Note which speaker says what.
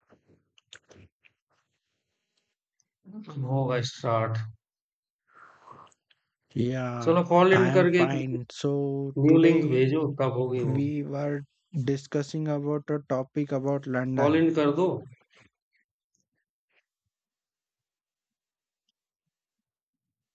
Speaker 1: होगा start.
Speaker 2: Yeah,
Speaker 1: चलो forward
Speaker 2: I am
Speaker 1: करके एक
Speaker 2: fine. So
Speaker 1: new link
Speaker 2: today
Speaker 1: भेजो, तब होगी वो।
Speaker 2: we were discussing about a topic about London.
Speaker 1: Forward कर दो।